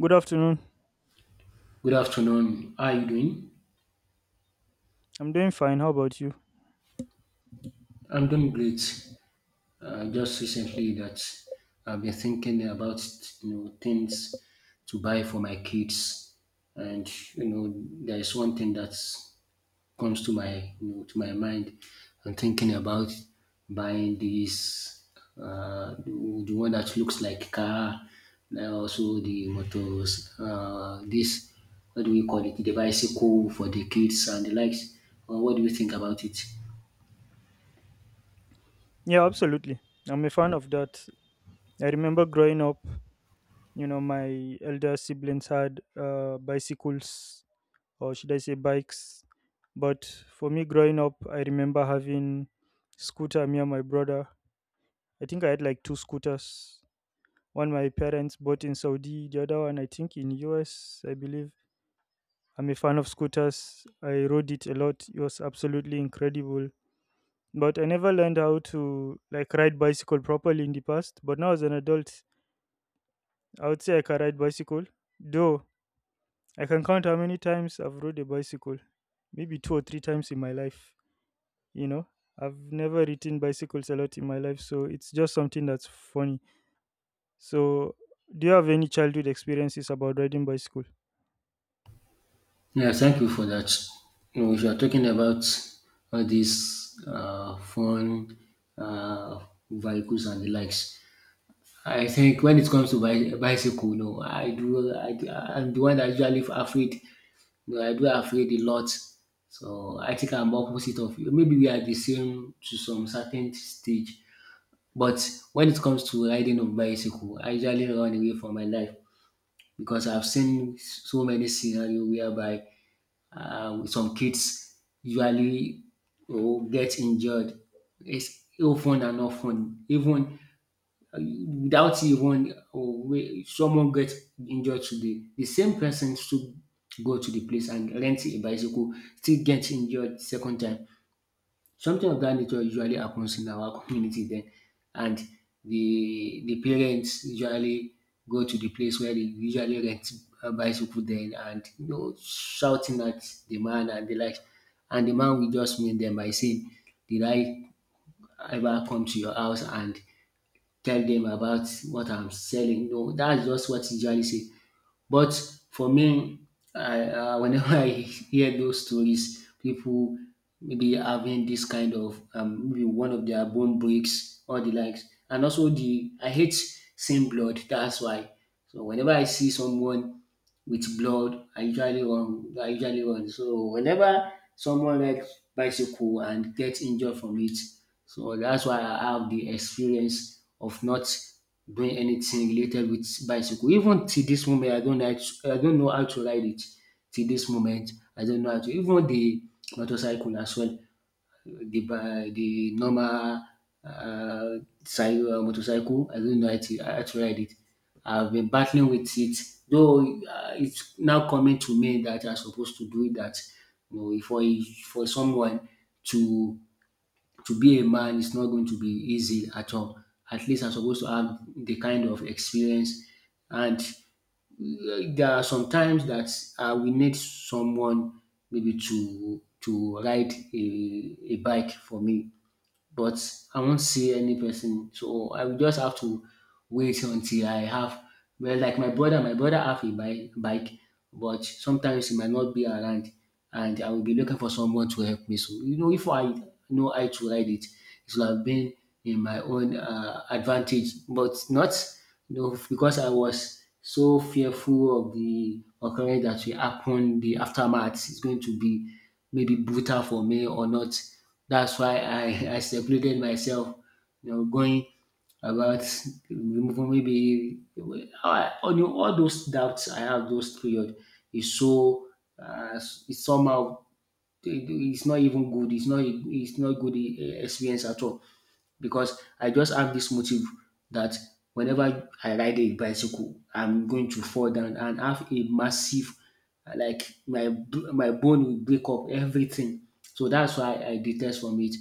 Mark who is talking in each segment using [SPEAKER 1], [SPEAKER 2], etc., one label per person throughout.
[SPEAKER 1] Good afternoon.
[SPEAKER 2] Good afternoon. How are you doing?
[SPEAKER 1] I'm doing fine. How about you?
[SPEAKER 2] I'm doing great. Just recently that I've been thinking about things to buy for my kids, and you know there is one thing that comes to my mind. I'm thinking about buying the one that looks like car, and also the motors. This What do we call it? The bicycle for the kids and the likes. What do you think about it?
[SPEAKER 1] Yeah, absolutely. I'm a fan of that. I remember growing up, you know, my elder siblings had bicycles, or should I say bikes. But for me, growing up, I remember having scooter, me and my brother. I think I had like two scooters. One my parents bought in Saudi, the other one I think in US, I believe. I'm a fan of scooters. I rode it a lot. It was absolutely incredible, but I never learned how to like ride bicycle properly in the past. But now as an adult, I would say I can ride bicycle. Though I can count how many times I've rode a bicycle, maybe two or three times in my life. You know, I've never ridden bicycles a lot in my life, so it's just something that's funny. So, do you have any childhood experiences about riding bicycle?
[SPEAKER 2] Yeah, thank you for that. If you are talking about all these phone uh, vehicles and the likes, I think when it comes to bicycle, no, I'm the one that usually afraid. No, I do afraid a lot. So I think I'm opposite of you. Maybe we are the same to some certain stage. But when it comes to riding of bicycle, I usually run away from my life, because I've seen so many scenarios whereby some kids usually will get injured. It's often and often, even without even, oh, someone get injured today, the same person should go to the place and rent a bicycle, still get injured second time. Something of that nature usually happens in our community then, and the parents usually go to the place where they usually rent a bicycle then, and shouting at the man and the like, and the man will just meet them by saying, "Did I ever come to your house and tell them about what I'm selling?" No, that's just what he usually say. But for me, I whenever I hear those stories, people maybe having this kind of maybe one of their bone breaks or the likes, and also the I hate seeing blood. That's why. So whenever I see someone with blood, I usually run. I usually run. So whenever someone like bicycle and get injured from it. So that's why I have the experience of not doing anything related with bicycle. Even till this moment, I don't like, I don't know how to ride it. Till this moment, I don't know how to. Even the motorcycle as well, the normal uh, motorcycle. I don't know how to ride it. I've been battling with it, though, it's now coming to me that I'm supposed to do that. You know, for a, for someone to to be a man is not going to be easy at all. At least I'm supposed to have the kind of experience, and there are some times that we need someone maybe to ride a bike for me, but I won't see any person. So I will just have to wait until I have. Well, like my brother have a bike, but sometimes he might not be around, and I will be looking for someone to help me. So if I know how to ride it, it would have been in my own advantage, but not, because I was so fearful of the occurrence that will happen. The aftermath is going to be maybe brutal for me or not. That's why I secluded myself, going about removing maybe all those doubts I have those period is so, it's somehow, it's not even good. It's not good, experience at all, because I just have this motive that whenever I ride a bicycle, I'm going to fall down and have a massive, like my bone will break up everything. So that's why I detest from it.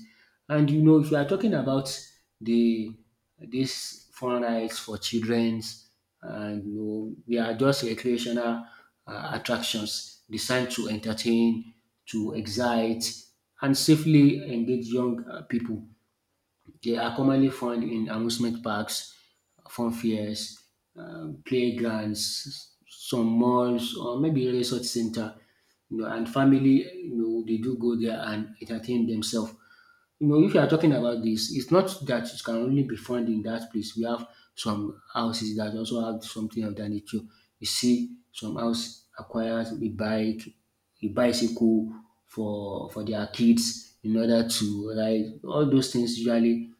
[SPEAKER 2] And if you are talking about the this fun rides for childrens, and they are just recreational attractions designed to entertain, to excite, and safely engage young people. They are commonly found in amusement parks, fun fairs, playgrounds, some malls or maybe resort center. And family, they do go there and entertain themselves. If you are talking about this, it's not that it can only be found in that place. We have some houses that also have something of that nature. You see, some house acquires a bike, a bicycle for their kids in order to ride. All those things usually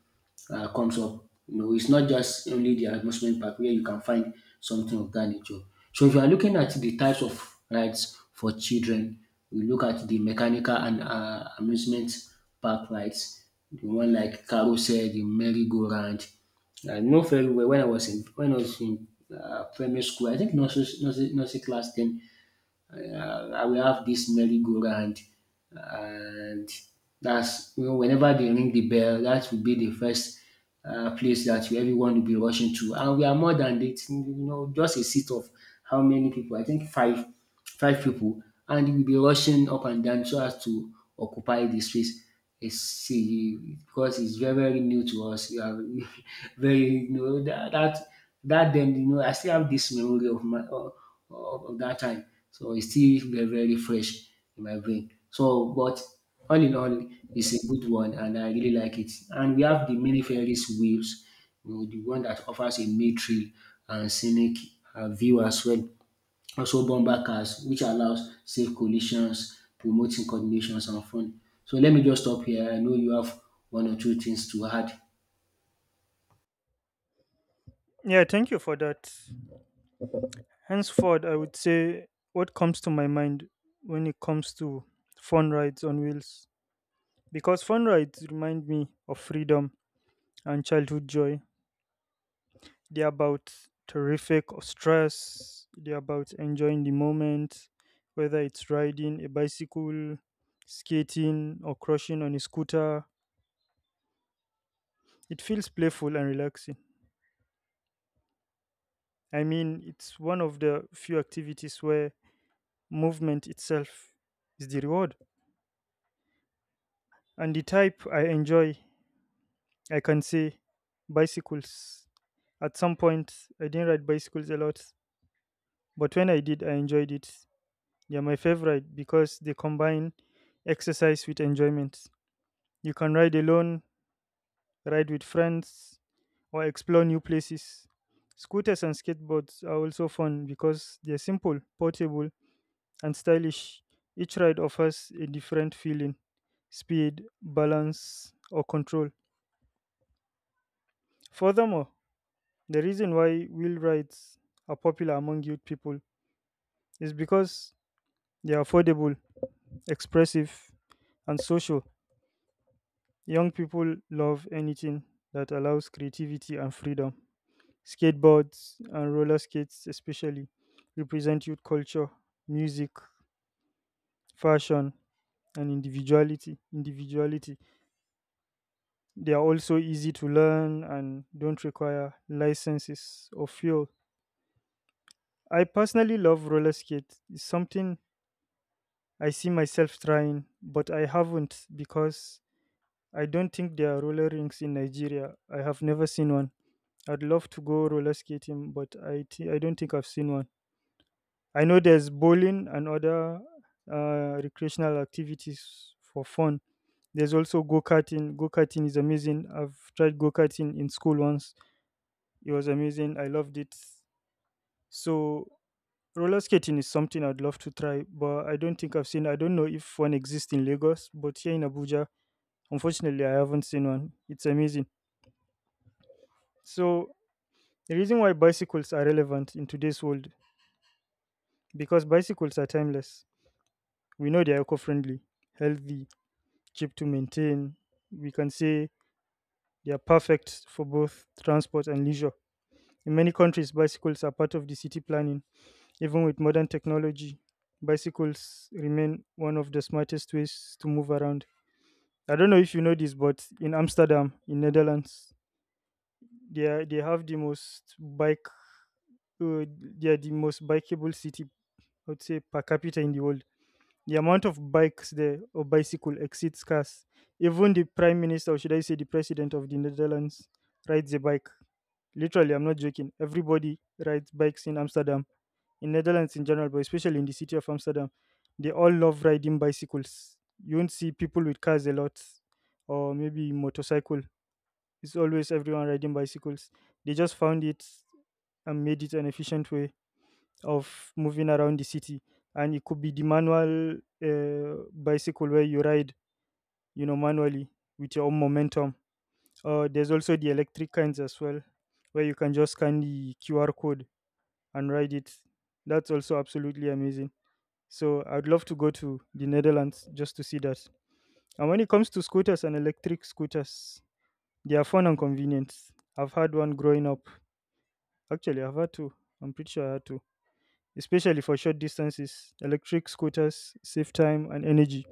[SPEAKER 2] comes up. It's not just only the amusement park where you can find something of that nature. So if you are looking at the types of rides for children, we look at the mechanical and amusement park rides, the one like carousel, the merry-go-round. I know very well when I was in primary school. I think nursery class 10, I will have this merry-go-round, and that's, whenever they ring the bell, that will be the first place that everyone will be rushing to. And we are more than that, just a seat of how many people. I think five people, and we'll be rushing up and down so as to occupy the space. It's see Because it's very very new to us, we are very, that then, I still have this memory of my of that time. So it's still very, very fresh in my brain. So, but all in all, it's a good one, and I really like it. And we have the mini Ferris wheels, the one that offers a mid trail and scenic view as well. Also, bumper cars, which allows safe collisions, promoting coordinations and fun. So let me just stop here. I know you have one or two things to add.
[SPEAKER 1] Yeah, thank you for that. Henceforth, I would say what comes to my mind when it comes to fun rides on wheels. Because fun rides remind me of freedom and childhood joy. They're about terrific or stress. They're about enjoying the moment, whether it's riding a bicycle, skating, or crushing on a scooter. It feels playful and relaxing. I mean, it's one of the few activities where movement itself is the reward. And the type I enjoy, I can say bicycles. At some point, I didn't ride bicycles a lot, but when I did, I enjoyed it. They're my favorite because they combine exercise with enjoyment. You can ride alone, ride with friends, or explore new places. Scooters and skateboards are also fun because they're simple, portable, and stylish. Each ride offers a different feeling: speed, balance, or control. Furthermore, the reason why wheel rides are popular among youth people is because they are affordable, expressive, and social. Young people love anything that allows creativity and freedom. Skateboards and roller skates, especially, represent youth culture, music, fashion, and individuality. Individuality. They are also easy to learn and don't require licenses or fuel. I personally love roller skates. It's something I see myself trying, but I haven't because I don't think there are roller rinks in Nigeria. I have never seen one. I'd love to go roller skating, but I don't think I've seen one. I know there's bowling and other recreational activities for fun. There's also go karting. Go karting is amazing. I've tried go karting in school once. It was amazing. I loved it. So roller skating is something I'd love to try, but I don't think I've seen. I don't know if one exists in Lagos, but here in Abuja, unfortunately, I haven't seen one. It's amazing. So the reason why bicycles are relevant in today's world. Because bicycles are timeless. We know they're eco friendly, healthy, cheap to maintain. We can say they are perfect for both transport and leisure. In many countries, bicycles are part of the city planning. Even with modern technology, bicycles remain one of the smartest ways to move around. I don't know if you know this, but in Amsterdam, in Netherlands, they have the most bike. Uh, they are the most bikeable city, I would say, per capita in the world. The amount of bikes there or bicycle exceeds cars. Even the prime minister, or should I say the president of the Netherlands, rides a bike. Literally, I'm not joking. Everybody rides bikes in Amsterdam, in Netherlands in general, but especially in the city of Amsterdam. They all love riding bicycles. You won't see people with cars a lot, or maybe motorcycle. It's always everyone riding bicycles. They just found it and made it an efficient way of moving around the city, and it could be the manual bicycle where you ride, you know, manually with your own momentum. There's also the electric kinds as well, where you can just scan the QR code and ride it. That's also absolutely amazing. So I'd love to go to the Netherlands just to see that. And when it comes to scooters and electric scooters, they are fun and convenient. I've had one growing up. Actually, I've had two. I'm pretty sure I had two, especially for short distances. Electric scooters save time and energy,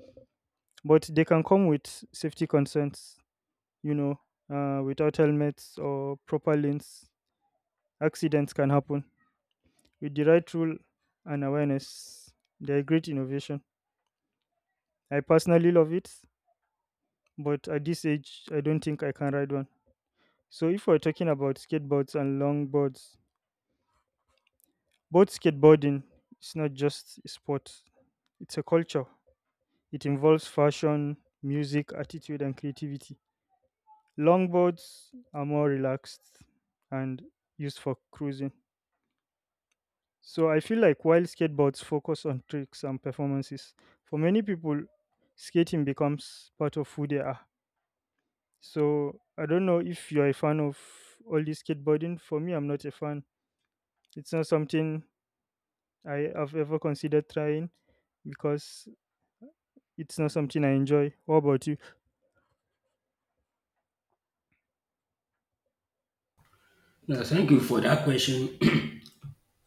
[SPEAKER 1] but they can come with safety concerns, you know, without helmets or proper lanes. Accidents can happen. With the right rule and awareness, they're a great innovation. I personally love it, but at this age, I don't think I can ride one. So, if we're talking about skateboards and longboards, both skateboarding is not just a sport, it's a culture. It involves fashion, music, attitude, and creativity. Longboards are more relaxed and used for cruising. So I feel like while skateboards focus on tricks and performances, for many people, skating becomes part of who they are. So I don't know if you're a fan of all this skateboarding. For me, I'm not a fan. It's not something I have ever considered trying because it's not something I enjoy. What about you?
[SPEAKER 2] Yeah, thank you for that question.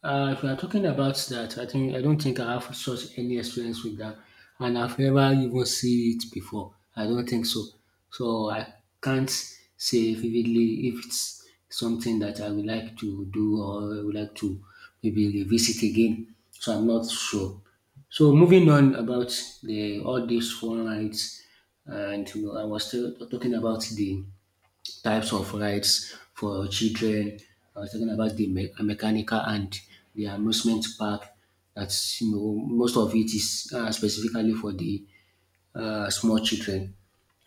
[SPEAKER 2] If we are talking about that, I don't think I have such any experience with that, and I've never even seen it before. I don't think so. So I can't say vividly if it's something that I would like to do, or I would like to maybe revisit again. So I'm not sure. So moving on about the all these phone rights, and I was still talking about the types of rides for children. I was talking about the mechanical and the amusement park. That's, most of it is specifically for the small children.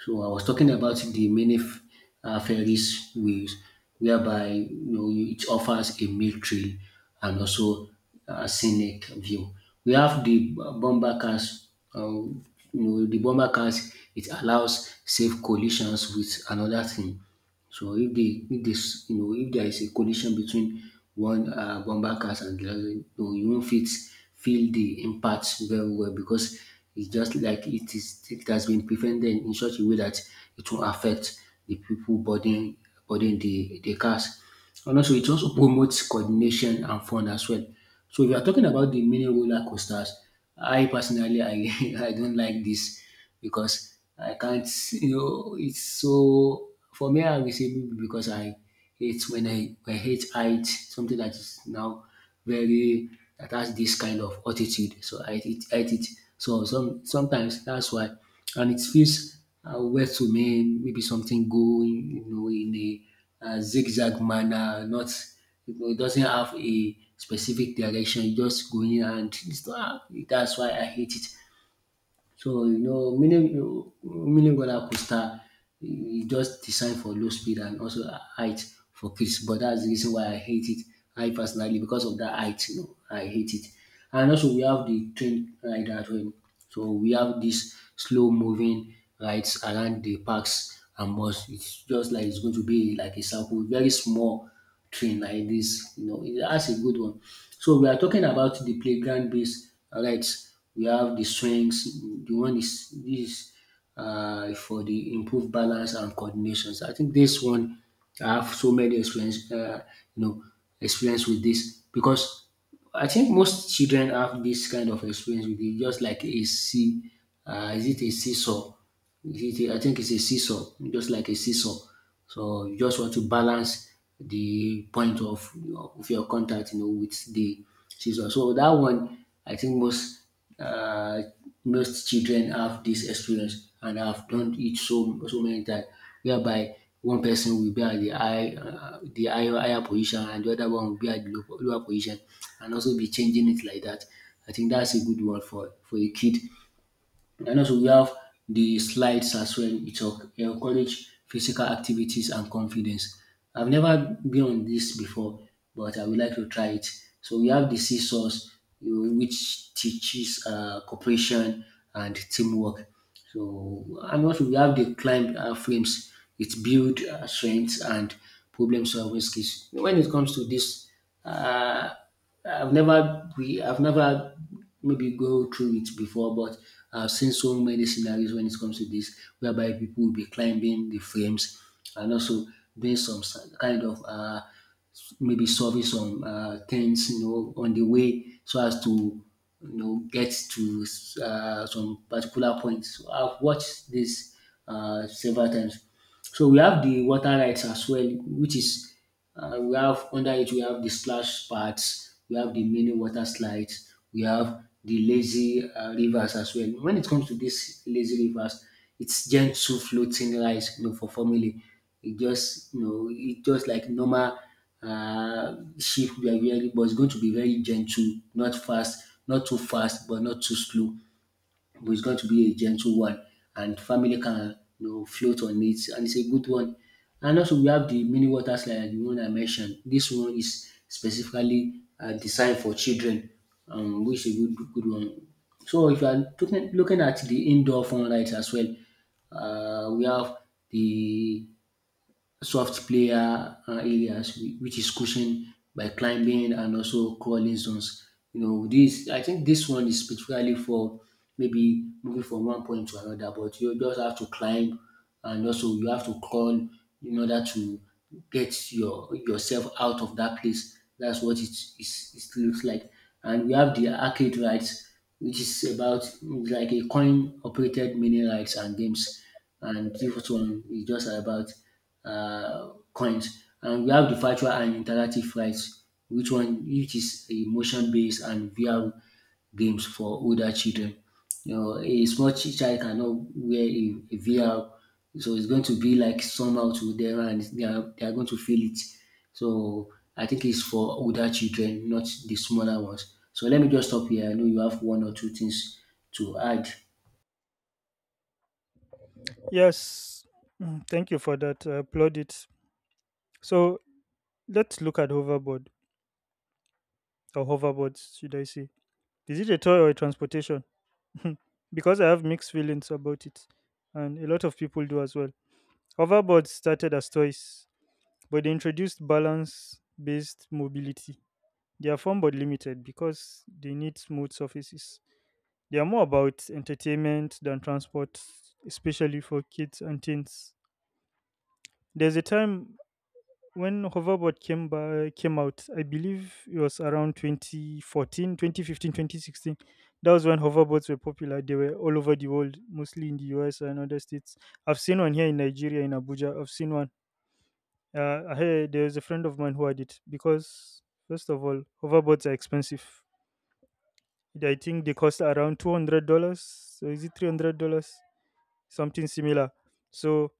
[SPEAKER 2] So I was talking about the mini ferries wheels, whereby, it offers a meal trail and also a scenic view. We have the bomber cars. Um, you know the bomber cars. It allows safe collisions with another thing. So if the if this you know if there is a collision between one, bumper cars and the other, you won't fit feel the impact very well, because it's just like it has been prevented in such a way that it will affect the people boarding the cars. And also it also promotes coordination and fun as well. So if you are talking about the mini roller coasters, I personally I, I don't like this, because I can't, it's so, for me I will say maybe because I hate height, something that is now very, that has this kind of altitude. So I hate it, hate it. So sometimes that's why, and it feels weird to me, maybe something going, in a zigzag manner, not, it doesn't have a specific direction, it's just going and it's not, that's why I hate it. So, meaning roller coaster e just designed for low speed and also height for kids, but that's the reason why I hate it. I personally, because of that height, I hate it. And also, we have the train ride as well. So we have these slow moving rides around the parks and bus. It's just like it's going to be like a circle, very small train like this. That's a good one. So we are talking about the playground based rights. We have the swings. The one is this is For the improved balance and coordinations. I think this one I have so many experience. You know, Experience with this, because I think most children have this kind of experience with it, just like a sea. Is it a seesaw? I think it's a seesaw, just like a seesaw. So you just want to balance the point of your contact, with the seesaw. So that one, I think most uh, most children have this experience and I've done it so many times whereby one person will be at the higher position and the other one will be at the lower position and also be changing it like that. I think that's a good one for a kid, and also we have the slides as well, which encourage physical activities and confidence. I've never been on this before, but I would like to try it. So we have the seesaws, you which teaches cooperation and teamwork. So and also we have the climb frames. It builds strength and problem solving skills. When it comes to this, uh, I've never maybe go through it before, but I've seen so many scenarios when it comes to this, whereby people will be climbing the frames and also doing kind of maybe solving some things, on the way so as to, get to some particular points. So I've watched this several times. So we have the water rights as well, which is we have the splash pads, we have the mini water slides, we have the lazy rivers as well. When it comes to these lazy rivers, it's gentle floating rice, for family. It just it just like normal ship we are wearing, but it's going to be very gentle, not fast, not too fast, but not too slow. But it's going to be a gentle one, and family can float on it, and it's a good one. And also we have the mini water slide, the one I mentioned. This one is specifically designed for children, which is a good one. So if you are looking at the indoor fun rides as well, we have the soft player areas which is cushioned by climbing and also crawling zones. You know, this I think this one is specifically for maybe moving from one point to another, but you just have to climb and also you have to crawl in order to get yourself out of that place. That's what it looks like. And we have the arcade rights, which is about like a coin operated mini rights and games. And this one is just about coins. And we have the virtual and interactive rights, which is a motion based and VR games for older children. You know, a small child cannot wear a, VR, so it's going to be like somehow to them, and they are going to feel it. So I think it's for older children, not the smaller ones. So let me just stop here. I know you have one or two things to add.
[SPEAKER 1] Yes, thank you for that. I applaud it. So let's look at hoverboard, or hoverboards, should I say? Is it a toy or a transportation? Because I have mixed feelings about it, and a lot of people do as well. Hoverboards started as toys, but they introduced balance based mobility. They are fun but limited because they need smooth surfaces. They are more about entertainment than transport, especially for kids and teens. There's a time when hoverboard came out, I believe it was around 2014, 2015, 2016. That was when hoverboards were popular. They were all over the world, mostly in the US and other states. I've seen one here in Nigeria, in Abuja. I've seen one. I heard there was a friend of mine who had it because, first of all, hoverboards are expensive. I think they cost around $200. So is it $300? Something similar. So,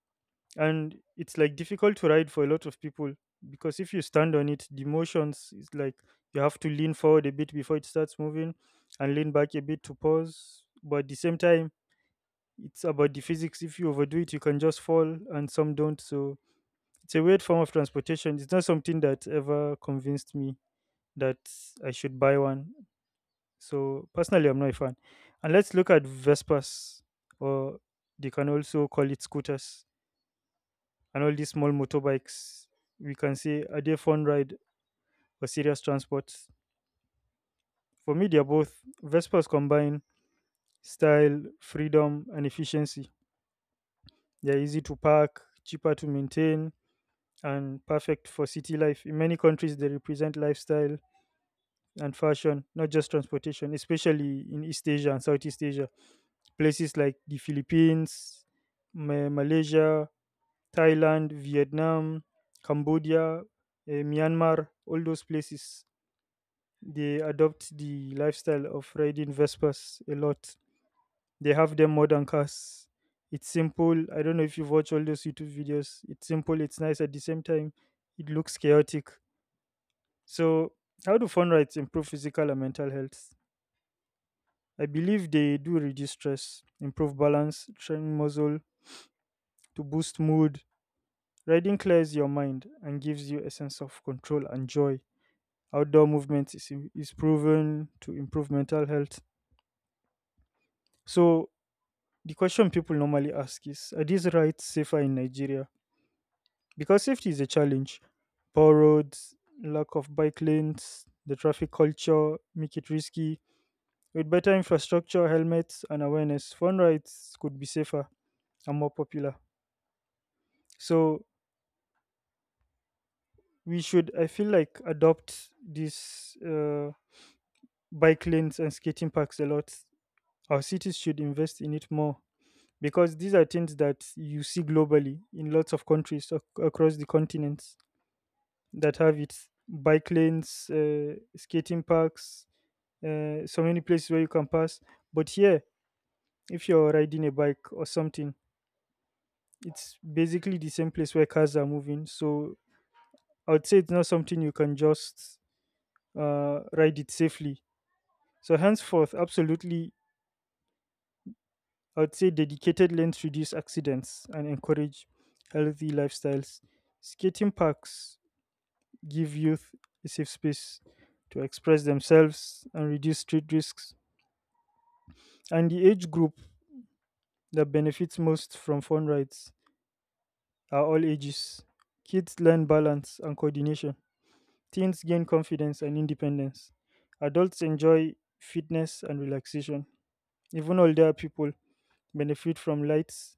[SPEAKER 1] and it's like difficult to ride for a lot of people, because if you stand on it, the motions is like you have to lean forward a bit before it starts moving, and lean back a bit to pause. But at the same time, it's about the physics. If you overdo it, you can just fall, and some don't. So it's a weird form of transportation. It's not something that ever convinced me that I should buy one. So personally, I'm not a fan. And let's look at Vespas, or they can also call it scooters. And all these small motorbikes, we can say, are they fun ride or serious transport? For me, they're both. Vespas combine style, freedom, and efficiency. They're easy to park, cheaper to maintain, and perfect for city life. In many countries, they represent lifestyle and fashion, not just transportation, especially in East Asia and Southeast Asia. Places like the Philippines, Malaysia, Thailand, Vietnam, Cambodia, Myanmar, all those places. They adopt the lifestyle of riding Vespas a lot. They have them more than cars. It's simple. I don't know if you've watched all those YouTube videos. It's simple, it's nice at the same time. It looks chaotic. So, how do fun rides improve physical and mental health? I believe they do reduce stress, improve balance, train muscle, to boost mood. Riding clears your mind and gives you a sense of control and joy. Outdoor movement is proven to improve mental health. So, the question people normally ask is: are these rights safer in Nigeria? Because safety is a challenge. Poor roads, lack of bike lanes, the traffic culture make it risky. With better infrastructure, helmets, and awareness, phone rides could be safer and more popular. So we should, I feel like, adopt these bike lanes and skating parks a lot. Our cities should invest in it more because these are things that you see globally in lots of countries across the continents that have its bike lanes, skating parks, so many places where you can pass. But here, if you're riding a bike or something, it's basically the same place where cars are moving. So I would say it's not something you can just ride it safely. So henceforth, absolutely, I would say dedicated lanes reduce accidents and encourage healthy lifestyles. Skating parks give youth a safe space to express themselves and reduce street risks. And the age group that benefits most from fun rides are all ages. Kids learn balance and coordination, teens gain confidence and independence, adults enjoy fitness and relaxation. Even older people benefit from lights,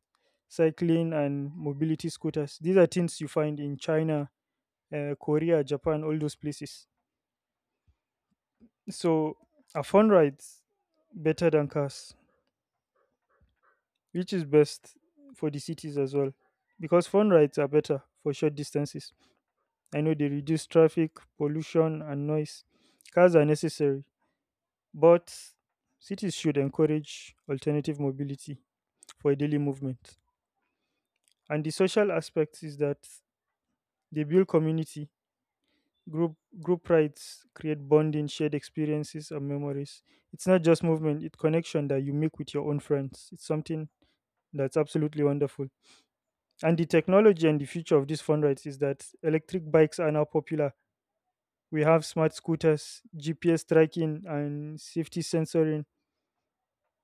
[SPEAKER 1] cycling, and mobility scooters. These are things you find in China, Korea, Japan, all those places. So, are fun rides better than cars? Which is best for the cities as well, because phone rides are better for short distances. I know they reduce traffic, pollution, and noise. Cars are necessary, but cities should encourage alternative mobility for daily movement. And the social aspect is that they build community. Group rides create bonding, shared experiences, and memories. It's not just movement; it's connection that you make with your own friends. It's something that's absolutely wonderful. And the technology and the future of this fundraise is that electric bikes are now popular. We have smart scooters, GPS tracking, and safety sensoring.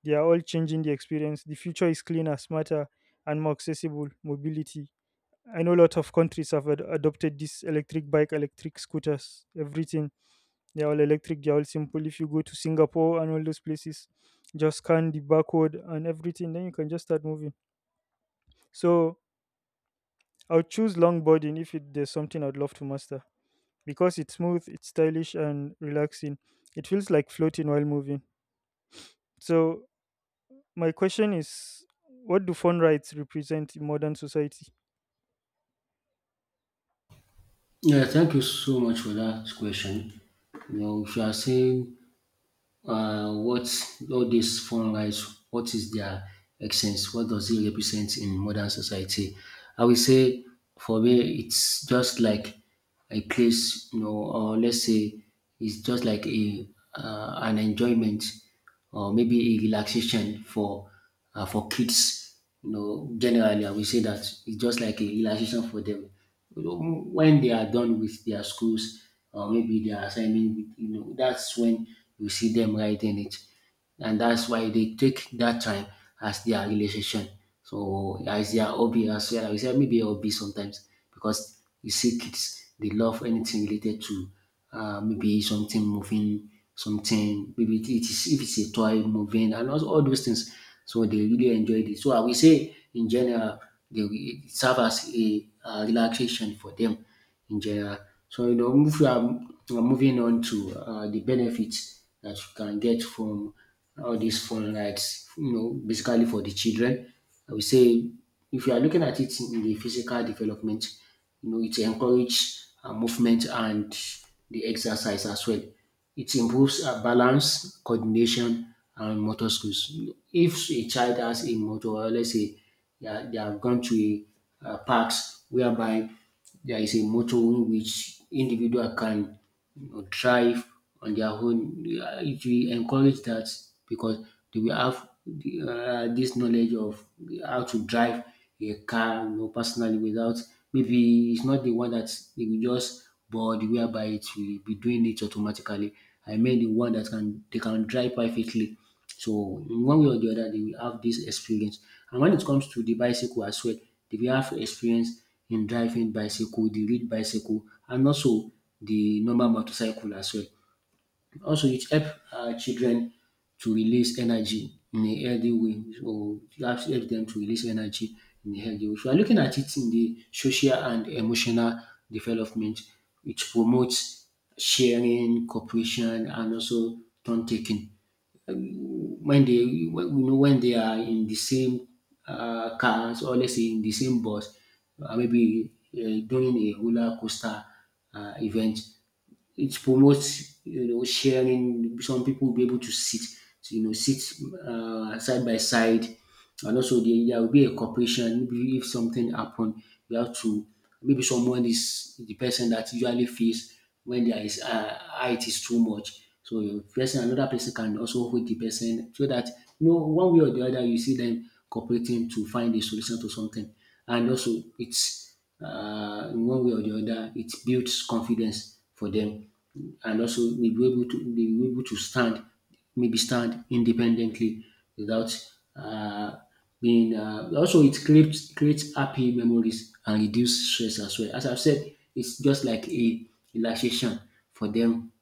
[SPEAKER 1] They are all changing the experience. The future is cleaner, smarter, and more accessible mobility. I know a lot of countries have adopted this electric bike, electric scooters, everything. They're all electric, they're all simple. If you go to Singapore and all those places, just scan the barcode and everything, then you can just start moving. So I'll choose longboarding if it, there's something I'd love to master, because it's smooth, it's stylish, and relaxing. It feels like floating while moving. So, my question is: what do phone rights represent in modern society?
[SPEAKER 2] Yeah, thank you so much for that question. You know, if you are saying what all these phone fungus, what is their essence, what does it represent in modern society. I will say for me, it's just like a place, you know, or let's say it's just like a an enjoyment or maybe a relaxation for kids. You know, generally, I will say that it's just like a relaxation for them. You know, when they are done with their schools or maybe their assignment, you know, that's when you see them writing it, and that's why they take that time as their relaxation. So as their hobby as well. I will say maybe a hobby sometimes because you see kids they love anything related to maybe something moving, something maybe it it is if it's a toy moving and also all those things. So they really enjoyed it. So I will say in general it serve as a relaxation for them in general. So, you know, if we are moving on to the benefits that you can get from all these phone rights, you know, basically for the children, I would say if you are looking at it in the physical development, you know, it encourages movement and the exercise as well. It improves balance, coordination, and motor skills. If a child has a motor, or let's say they have gone to a parks whereby there is a motor in which individual can, you know, drive on their own, it will encourage that because they will have the, this knowledge of how to drive a car, you know, personally without maybe it's not the one that they will just but whereby it will be doing it automatically. I mean the one that can they can drive perfectly. So in one way or the other, they will have this experience. And when it comes to the bicycle as well, they will have experience in driving bicycle, the read bicycle, and also the normal motorcycle as well. Also it help children to release energy in a healthy way. So that help dem to release energy in a healthy way. If you are looking at it in the social and emotional development, it promotes sharing, cooperation, and also turn taking. When they when you know when they are in the same cars or let's say in the same bus, maybe during a roller coaster event, it promotes, you know, sharing. Some people will be able to sit, you know, sit side by side, and also there will be a cooperation. Maybe if something happen, you have to, maybe someone is the person that usually feels when there is height is too much. So the person another person can also hold the person so that, you know, one way or the other you see dem cooperating to find a solution to something, and also it's in one way or the other, it builds confidence for them, and also they be able to stand, maybe stand independently without being. Also, it creates happy memories and reduce stress as well. As I've said, it's just like a relaxation for them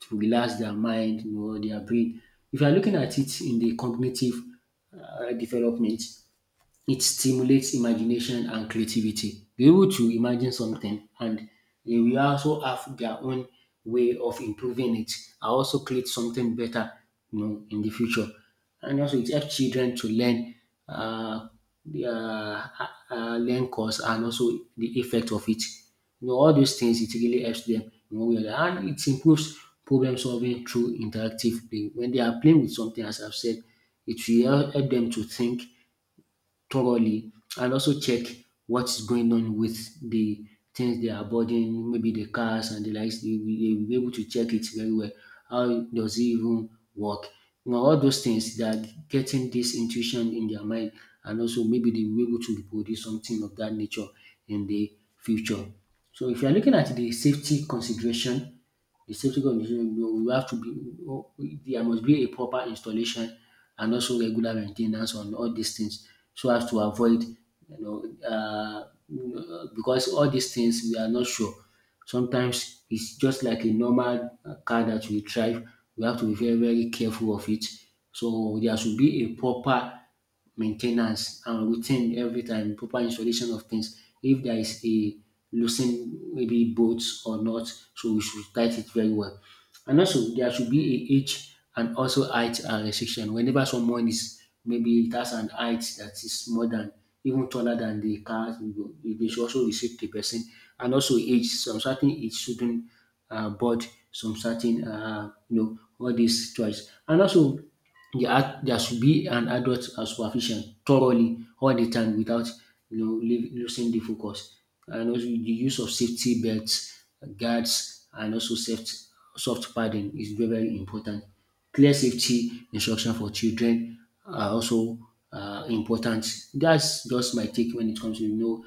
[SPEAKER 2] to relax their mind, you know, their brain. If you are looking at it in the cognitive development, it stimulates imagination and creativity. They're able to imagine something, and they will also have their own way of improving it. I also create something better, you know, in the future. And also it helps children to learn uh, the, uh, learn cause and also the effect of it. You know, all those things it really helps them, you know, way, and it improves problem solving through interactive play. When they are playing with something, as I've said, it will help them to think thoroughly and also check what's going on with the things they are boarding, maybe the cars and the likes. They will be able to check it very well. How does it even work? You know, all those things they are getting this intuition in their mind, and also maybe they will be able to reproduce something of that nature in the future. So if you are looking at the safety consideration, the safety condition you you have to be there must be a proper installation and also regular maintenance on all these things so as to avoid, you know, uh, because all these things we are not sure. Sometimes it's just like a normal car that we drive, we have to be very careful of it. So there should be a proper maintenance ten ance and routine every time, proper installation of things. If there is a loosened maybe bolts or not, so we should tight it very well. And also there should be a age and also height and restriction. Whenever someone is maybe it has an height that is more than even taller than the car, they should also restrict the person. And also age, some certain age shouldn't board some certain you know all these choice. And also there should be an adult supervision thoroughly all the time without, you know, losing the focus. And also the use of safety belts, guards, and also soft padding is very important. Clear safety instruction for children are also important. That's just my take when it comes to, you know.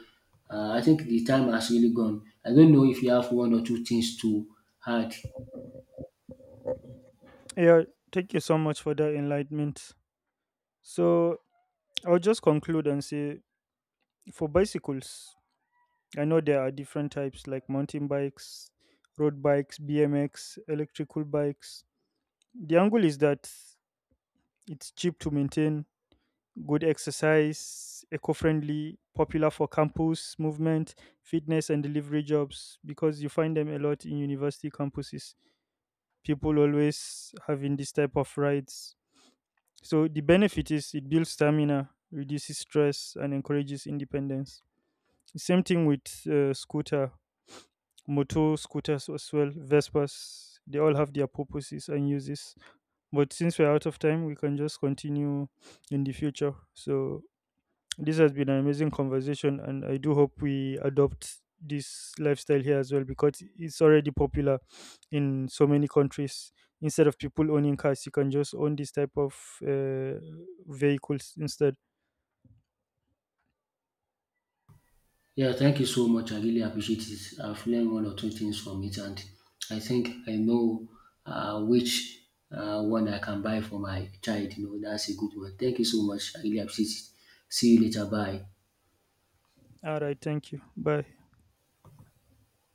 [SPEAKER 2] I think the time has really gone. I don't know if you have one or two things to add.
[SPEAKER 1] Yeah, thank you so much for that enlightenment. So, I'll just conclude and say for bicycles, I know there are different types like mountain bikes, road bikes, BMX, electrical bikes. The angle is that it's cheap to maintain, good exercise, eco-friendly, popular for campus movement, fitness and delivery jobs because you find them a lot in university campuses. People always having this type of rides. So the benefit is it builds stamina, reduces stress and encourages independence. Same thing with scooter, motor scooters as well, Vespas. They all have their purposes and uses. But since we're out of time, we can just continue in the future. So this has been an amazing conversation, and I do hope we adopt this lifestyle here as well because it's already popular in so many countries. Instead of people owning cars, you can just own this type of uh, vehicles instead.
[SPEAKER 2] Yeah, thank you so much. I really appreciate it. I've learned one or two things from it, and I think I know which one I can buy for my child. You know, that's a good one. Thank you so much. I really appreciate it. See you later. Bye.
[SPEAKER 1] All right, thank you. Bye.